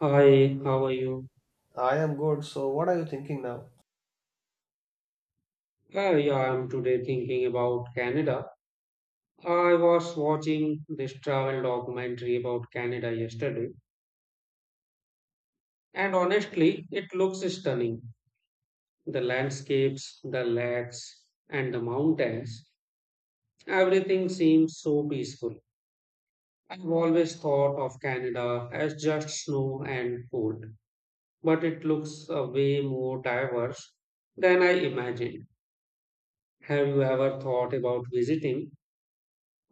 Hi, how are you? I am good. So, what are you thinking now? Yeah, I'm today thinking about Canada. I was watching this travel documentary about Canada yesterday, and honestly, it looks stunning. The landscapes, the lakes, and the mountains, everything seems so peaceful. I've always thought of Canada as just snow and cold, but it looks way more diverse than I imagined. Have you ever thought about visiting?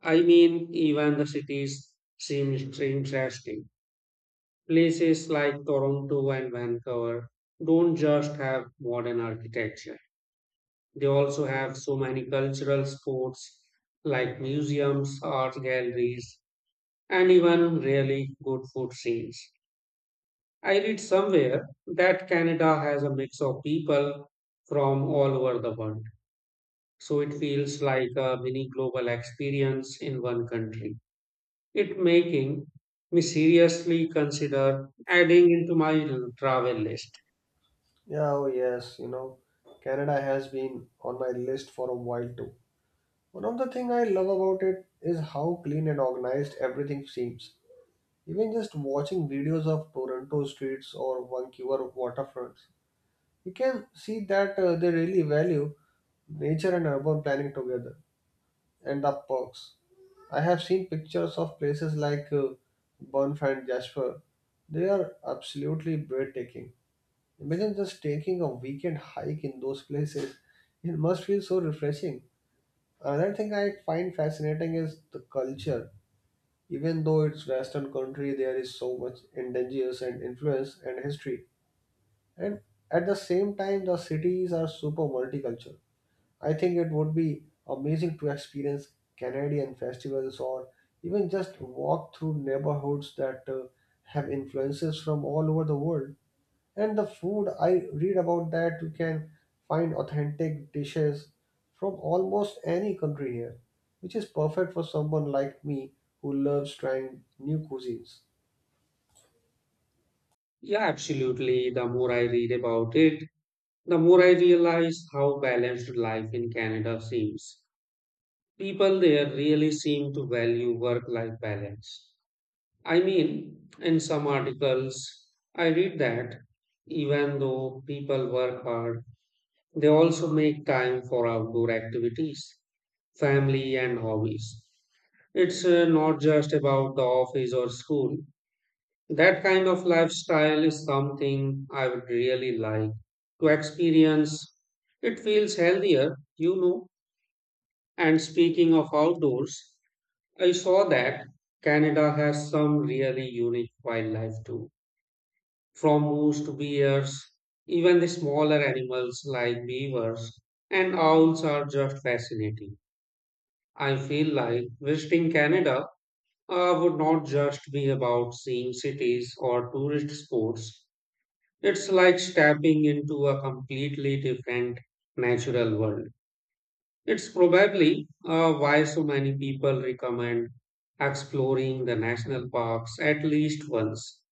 I mean, even the cities seem interesting. Places like Toronto and Vancouver don't just have modern architecture, they also have so many cultural spots like museums, art galleries, and even really good food scenes. I read somewhere that Canada has a mix of people from all over the world, so it feels like a mini global experience in one country. It making me seriously consider adding into my travel list. Yeah, oh yes, you know, Canada has been on my list for a while too. One of the things I love about it is how clean and organized everything seems. Even just watching videos of Toronto streets or Vancouver waterfronts, you can see that they really value nature and urban planning together and the perks. I have seen pictures of places like Banff and Jasper. They are absolutely breathtaking. Imagine just taking a weekend hike in those places. It must feel so refreshing. Another thing I find fascinating is the culture. Even though it's Western country, there is so much indigenous and influence and history. And at the same time, the cities are super multicultural. I think it would be amazing to experience Canadian festivals or even just walk through neighborhoods that have influences from all over the world. And the food, I read about that you can find authentic dishes from almost any country here, which is perfect for someone like me who loves trying new cuisines. Yeah, absolutely. The more I read about it, the more I realize how balanced life in Canada seems. People there really seem to value work life balance. I mean, in some articles, I read that even though people work hard, they also make time for outdoor activities, family, and hobbies. It's not just about the office or school. That kind of lifestyle is something I would really like to experience. It feels healthier, you know. And speaking of outdoors, I saw that Canada has some really unique wildlife too. From moose to bears, even the smaller animals like beavers and owls are just fascinating. I feel like visiting Canada would not just be about seeing cities or tourist spots. It's like stepping into a completely different natural world. It's probably why so many people recommend exploring the national parks at least once.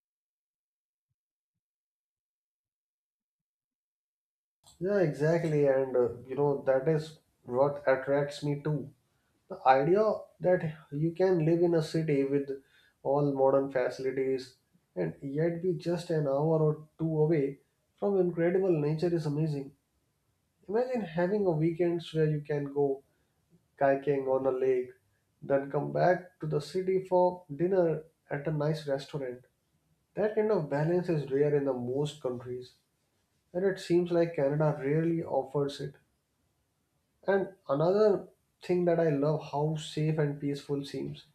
Yeah, exactly. And you know, that is what attracts me too. The idea that you can live in a city with all modern facilities and yet be just an hour or two away from incredible nature is amazing. Imagine having a weekends where you can go kayaking on a lake, then come back to the city for dinner at a nice restaurant. That kind of balance is rare in the most countries, and it seems like Canada rarely offers it. And another thing that I love how safe and peaceful seems.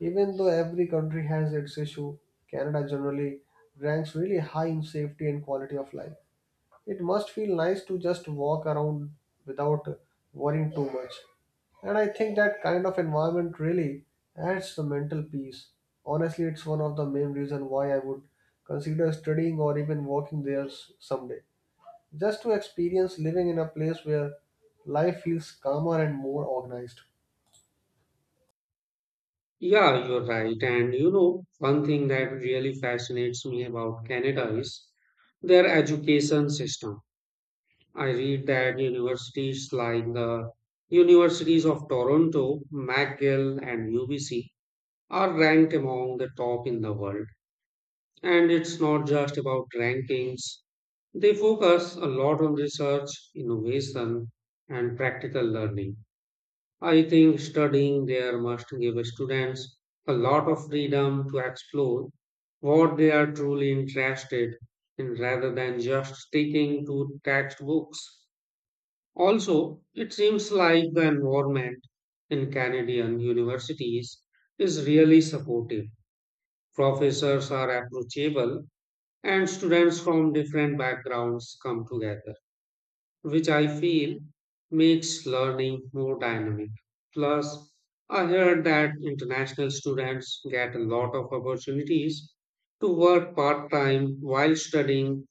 Even though every country has its issue, Canada generally ranks really high in safety and quality of life. It must feel nice to just walk around without worrying too much. And I think that kind of environment really adds the mental peace. Honestly, it's one of the main reasons why I would consider studying or even working there someday. Just to experience living in a place where life feels calmer and more organized. Yeah, you're right. And you know, one thing that really fascinates me about Canada is their education system. I read that universities like the Universities of Toronto, McGill, and UBC are ranked among the top in the world. And it's not just about rankings, they focus a lot on research, innovation, and practical learning. I think studying there must give students a lot of freedom to explore what they are truly interested in rather than just sticking to textbooks. Also, it seems like the environment in Canadian universities is really supportive. Professors are approachable and students from different backgrounds come together, which I feel makes learning more dynamic. Plus, I heard that international students get a lot of opportunities to work part time while studying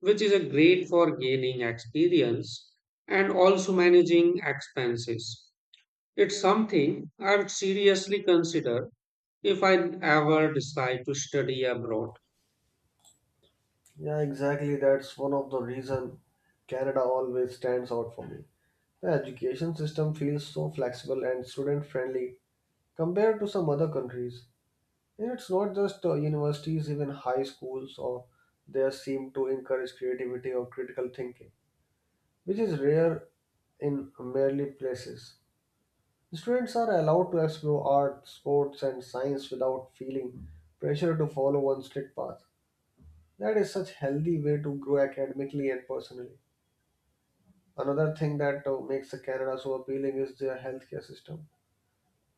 which is a great for gaining experience and also managing expenses. It's something I'd seriously consider if I ever decide to study abroad. Yeah, exactly. That's one of the reason Canada always stands out for me. The education system feels so flexible and student friendly compared to some other countries. And it's not just universities, even high schools or they seem to encourage creativity or critical thinking, which is rare in merely places. Students are allowed to explore art, sports, and science without feeling pressure to follow one strict path. That is such healthy way to grow academically and personally. Another thing that makes the Canada so appealing is their healthcare system.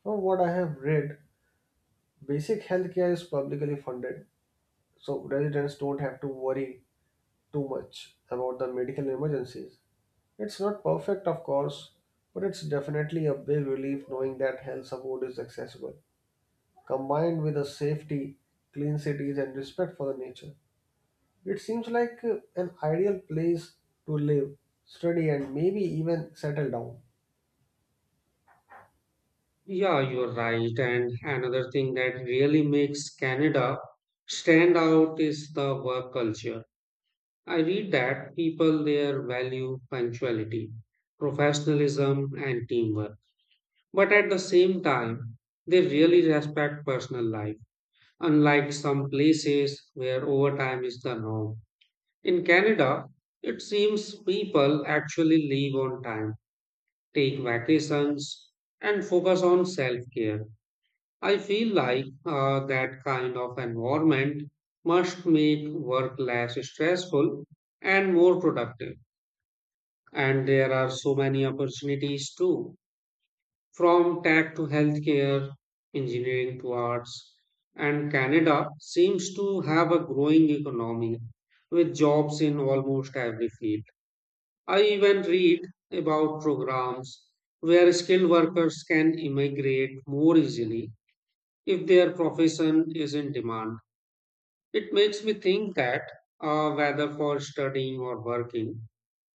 From what I have read, basic healthcare is publicly funded so residents don't have to worry too much about the medical emergencies. It's not perfect, of course, but it's definitely a big relief knowing that health support is accessible. Combined with the safety, clean cities, and respect for the nature, it seems like an ideal place to live, study, and maybe even settle down. Yeah, you're right. And another thing that really makes Canada stand out is the work culture. I read that people there value punctuality, professionalism, and teamwork. But at the same time, they really respect personal life unlike some places where overtime is the norm. In Canada, it seems people actually leave on time, take vacations, and focus on self care. I feel like that kind of environment must make work less stressful and more productive. And there are so many opportunities too From tech to healthcare, engineering to arts, and Canada seems to have a growing economy with jobs in almost every field. I even read about programs where skilled workers can immigrate more easily if their profession is in demand. It makes me think that whether for studying or working,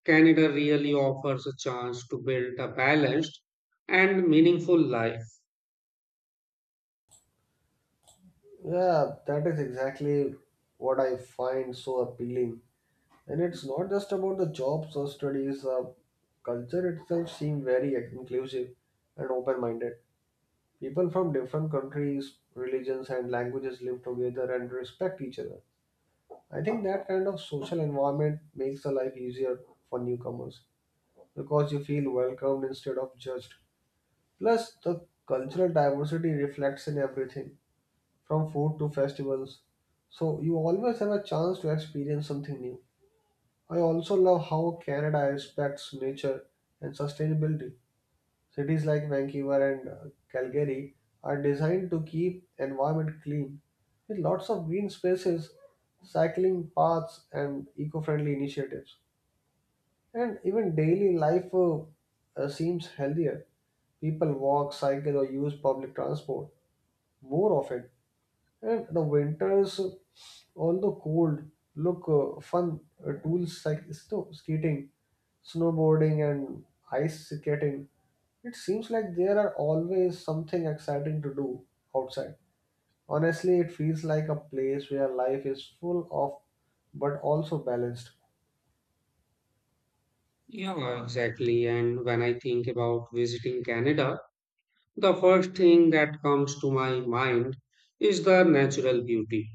Canada really offers a chance to build a balanced and meaningful life. Yeah, that is exactly what I find so appealing. And it's not just about the jobs or studies, culture itself seems very inclusive and open minded. People from different countries, religions, and languages live together and respect each other. I think that kind of social environment makes the life easier for newcomers because you feel welcomed instead of judged. Plus, the cultural diversity reflects in everything from food to festivals, so you always have a chance to experience something new. I also love how Canada respects nature and sustainability. Cities like Vancouver and Calgary are designed to keep environment clean with lots of green spaces, cycling paths and eco-friendly initiatives. And even daily life seems healthier. People walk, cycle or use public transport more often and the winters, on the cold, look fun. Tools like snow, skating, snowboarding, and ice skating. It seems like there are always something exciting to do outside. Honestly, it feels like a place where life is full of but also balanced. Yeah, exactly. And when I think about visiting Canada, the first thing that comes to my mind is the natural beauty.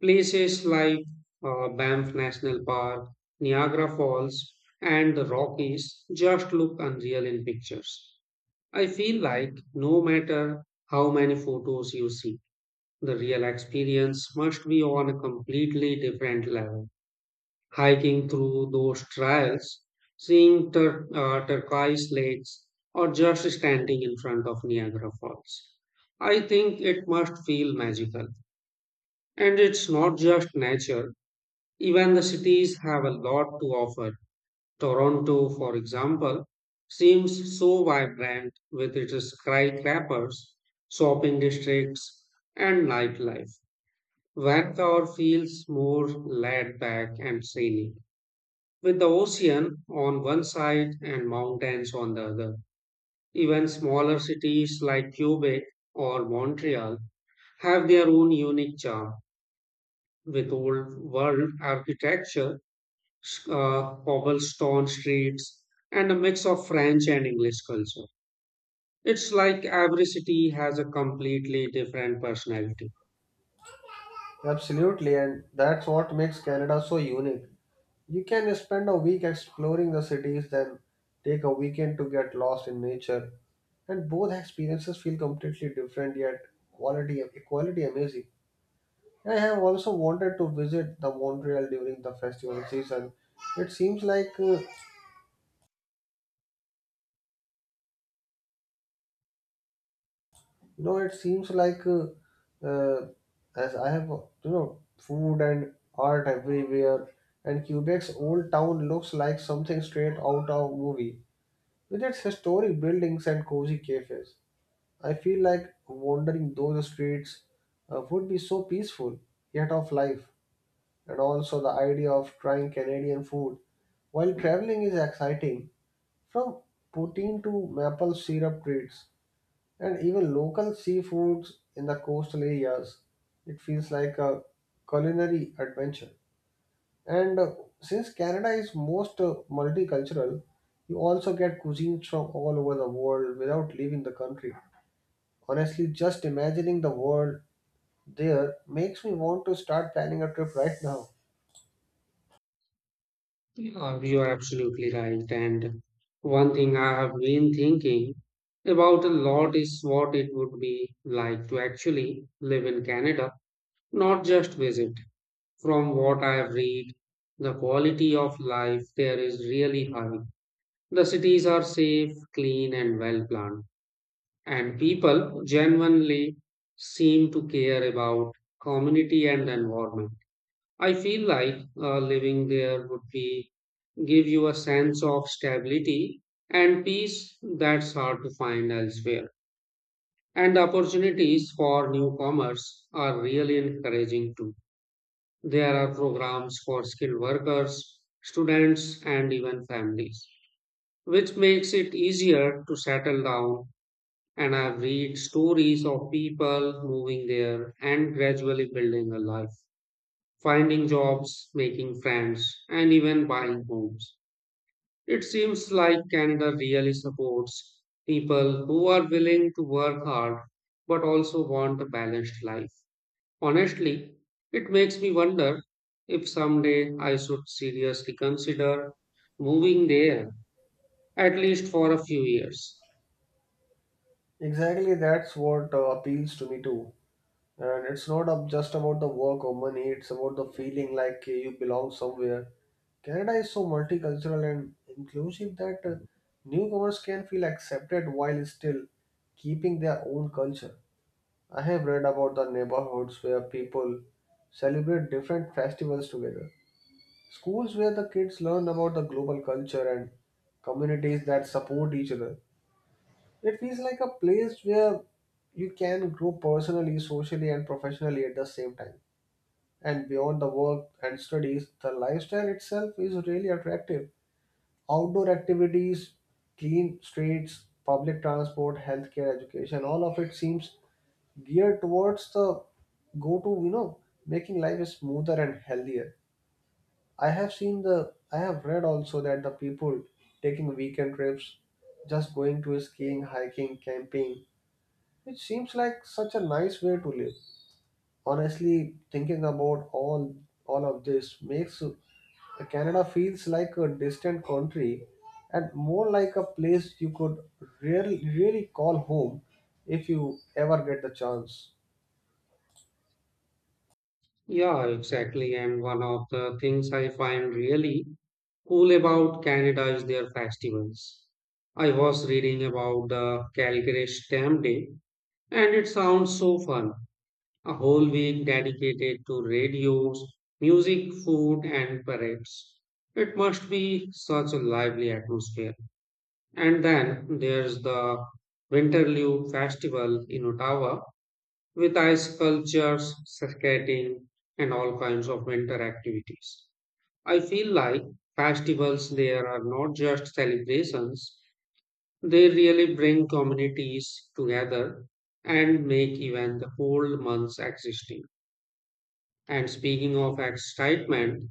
Places like Banff National Park, Niagara Falls, and the Rockies just look unreal in pictures. I feel like no matter how many photos you see, the real experience must be on a completely different level hiking through those trails, seeing turquoise lakes, or just standing in front of Niagara Falls. I think it must feel magical. And it's not just nature, even the cities have a lot to offer. Toronto, for example, seems so vibrant with its skyscrapers, shopping districts, and nightlife. Vancouver feels more laid back and serene. With the ocean on one side and mountains on the other, even smaller cities like Quebec or Montreal have their own unique charm with old world architecture, cobblestone streets, and a mix of French and English culture. It's like every city has a completely different personality. Absolutely, and that's what makes Canada so unique. You can spend a week exploring the cities, then take a weekend to get lost in nature and both experiences feel completely different yet quality equality amazing. I have also wanted to visit the Montreal during the festival season. It seems like you know it seems like uh, as I have you know food and art everywhere and Quebec's old town looks like something straight out of a movie with its historic buildings and cozy cafes. I feel like wandering those streets would be so peaceful yet of life. And also the idea of trying Canadian food while traveling is exciting. From poutine to maple syrup treats and even local seafoods in the coastal areas, it feels like a culinary adventure. And since Canada is most multicultural, you also get cuisines from all over the world without leaving the country. Honestly, just imagining the world there makes me want to start planning a trip right now. Yeah, you are absolutely right. And one thing I have been thinking about a lot is what it would be like to actually live in Canada, not just visit. From what I have read, the quality of life there is really high. The cities are safe, clean, and well planned. And people genuinely seem to care about community and environment. I feel like living there would be give you a sense of stability and peace that's hard to find elsewhere. And the opportunities for newcomers are really encouraging too. There are programs for skilled workers, students, and even families, which makes it easier to settle down. And I've read stories of people moving there and gradually building a life, finding jobs, making friends, and even buying homes. It seems like Canada really supports people who are willing to work hard but also want a balanced life. Honestly, it makes me wonder if someday I should seriously consider moving there, at least for a few years. Exactly, that's what appeals to me too. And it's not up just about the work or money, it's about the feeling like you belong somewhere. Canada is so multicultural and inclusive that newcomers can feel accepted while still keeping their own culture. I have read about the neighborhoods where people celebrate different festivals together, schools where the kids learn about the global culture, and communities that support each other. It feels like a place where you can grow personally, socially, and professionally at the same time. And beyond the work and studies, the lifestyle itself is really attractive. Outdoor activities, clean streets, public transport, healthcare, education, all of it seems geared towards the go to, you know, making life smoother and healthier. I have read also that the people taking weekend trips, just going to skiing, hiking, camping, it seems like such a nice way to live. Honestly, thinking about all of this makes Canada feels like a distant country and more like a place you could really call home if you ever get the chance. Yeah, exactly. And one of the things I find really cool about Canada is their festivals. I was reading about the Calgary Stamp Day, and it sounds so fun a whole week dedicated to radios, music, food, and parades. It must be such a lively atmosphere. And then there's the Winterlude Festival in Ottawa with ice sculptures, skating, and all kinds of winter activities. I feel like festivals there are not just celebrations, they really bring communities together and make even the cold months existing. And speaking of excitement,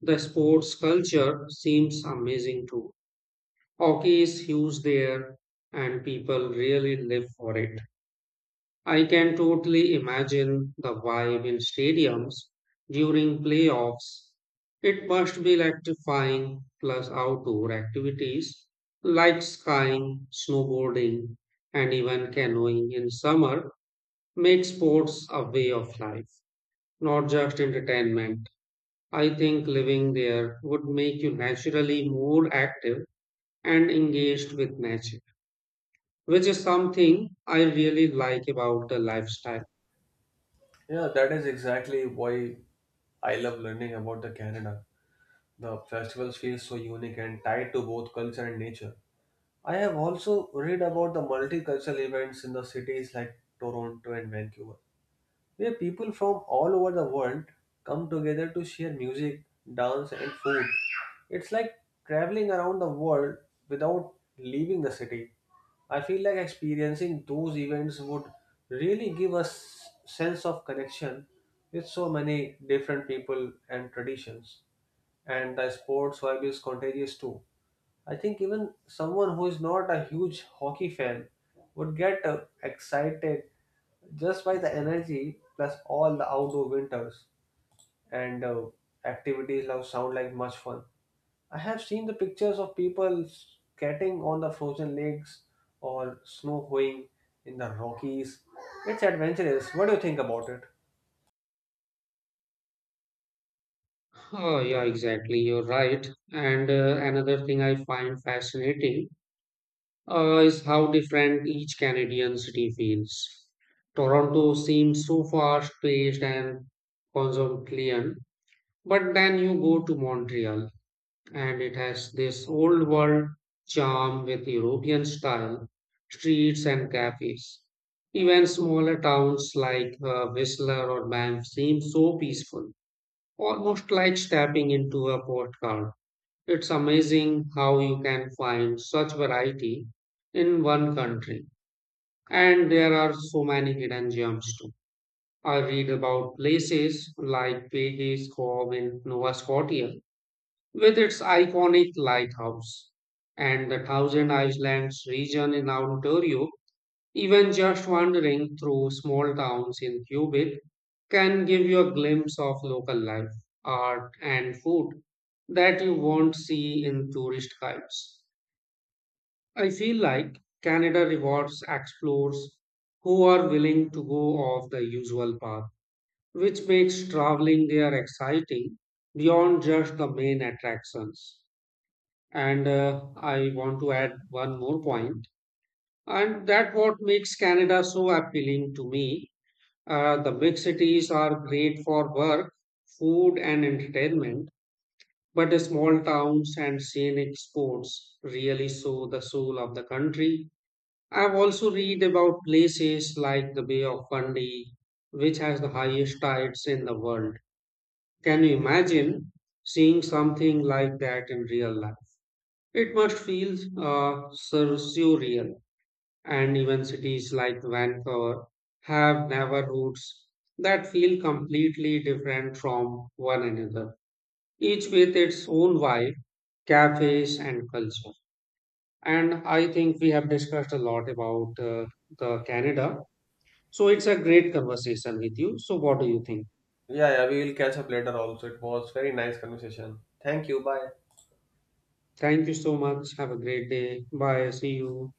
the sports culture seems amazing too. Hockey is huge there, and people really live for it. I can totally imagine the vibe in stadiums during playoffs. It must be electrifying, plus outdoor activities like skiing, snowboarding, and even canoeing in summer make sports a way of life, not just entertainment. I think living there would make you naturally more active and engaged with nature, which is something I really like about the lifestyle. Yeah, that is exactly why I love learning about the Canada. The festivals feel so unique and tied to both culture and nature. I have also read about the multicultural events in the cities like Toronto and Vancouver, where people from all over the world come together to share music, dance, and food. It's like traveling around the world without leaving the city. I feel like experiencing those events would really give us sense of connection with so many different people and traditions. And the sports vibe is contagious too. I think even someone who is not a huge hockey fan would get excited just by the energy plus all the outdoor winters and activities now sound like much fun. I have seen the pictures of people skating on the frozen lakes or snow hoeing in the Rockies. It's adventurous. What do you think about it? Oh, yeah, exactly. You're right. And another thing I find fascinating is how different each Canadian city feels. Toronto seems so fast-paced and cosmopolitan, but then you go to Montreal and it has this old world charm with European style streets and cafes. Even smaller towns like Whistler or Banff seem so peaceful, almost like stepping into a postcard. It's amazing how you can find such variety in one country. And there are so many hidden gems too. I read about places like Page's Cove in Nova Scotia with its iconic lighthouse and the Thousand Islands region in Ontario, even just wandering through small towns in Quebec can give you a glimpse of local life, art, and food that you won't see in tourist guides. I feel like Canada rewards explorers who are willing to go off the usual path, which makes traveling there exciting beyond just the main attractions. And I want to add one more point, and that what makes Canada so appealing to me. The big cities are great for work, food, and entertainment, but the small towns and scenic spots really show the soul of the country. I've also read about places like the Bay of Fundy, which has the highest tides in the world. Can you imagine seeing something like that in real life? It must feel surreal, and even cities like Vancouver have neighborhoods that feel completely different from one another, each with its own vibe, cafes, and culture. And I think we have discussed a lot about the Canada. So it's a great conversation with you. So what do you think? Yeah, yeah, we will catch up later also. It was very nice conversation. Thank you. Bye. Thank you so much. Have a great day. Bye. See you.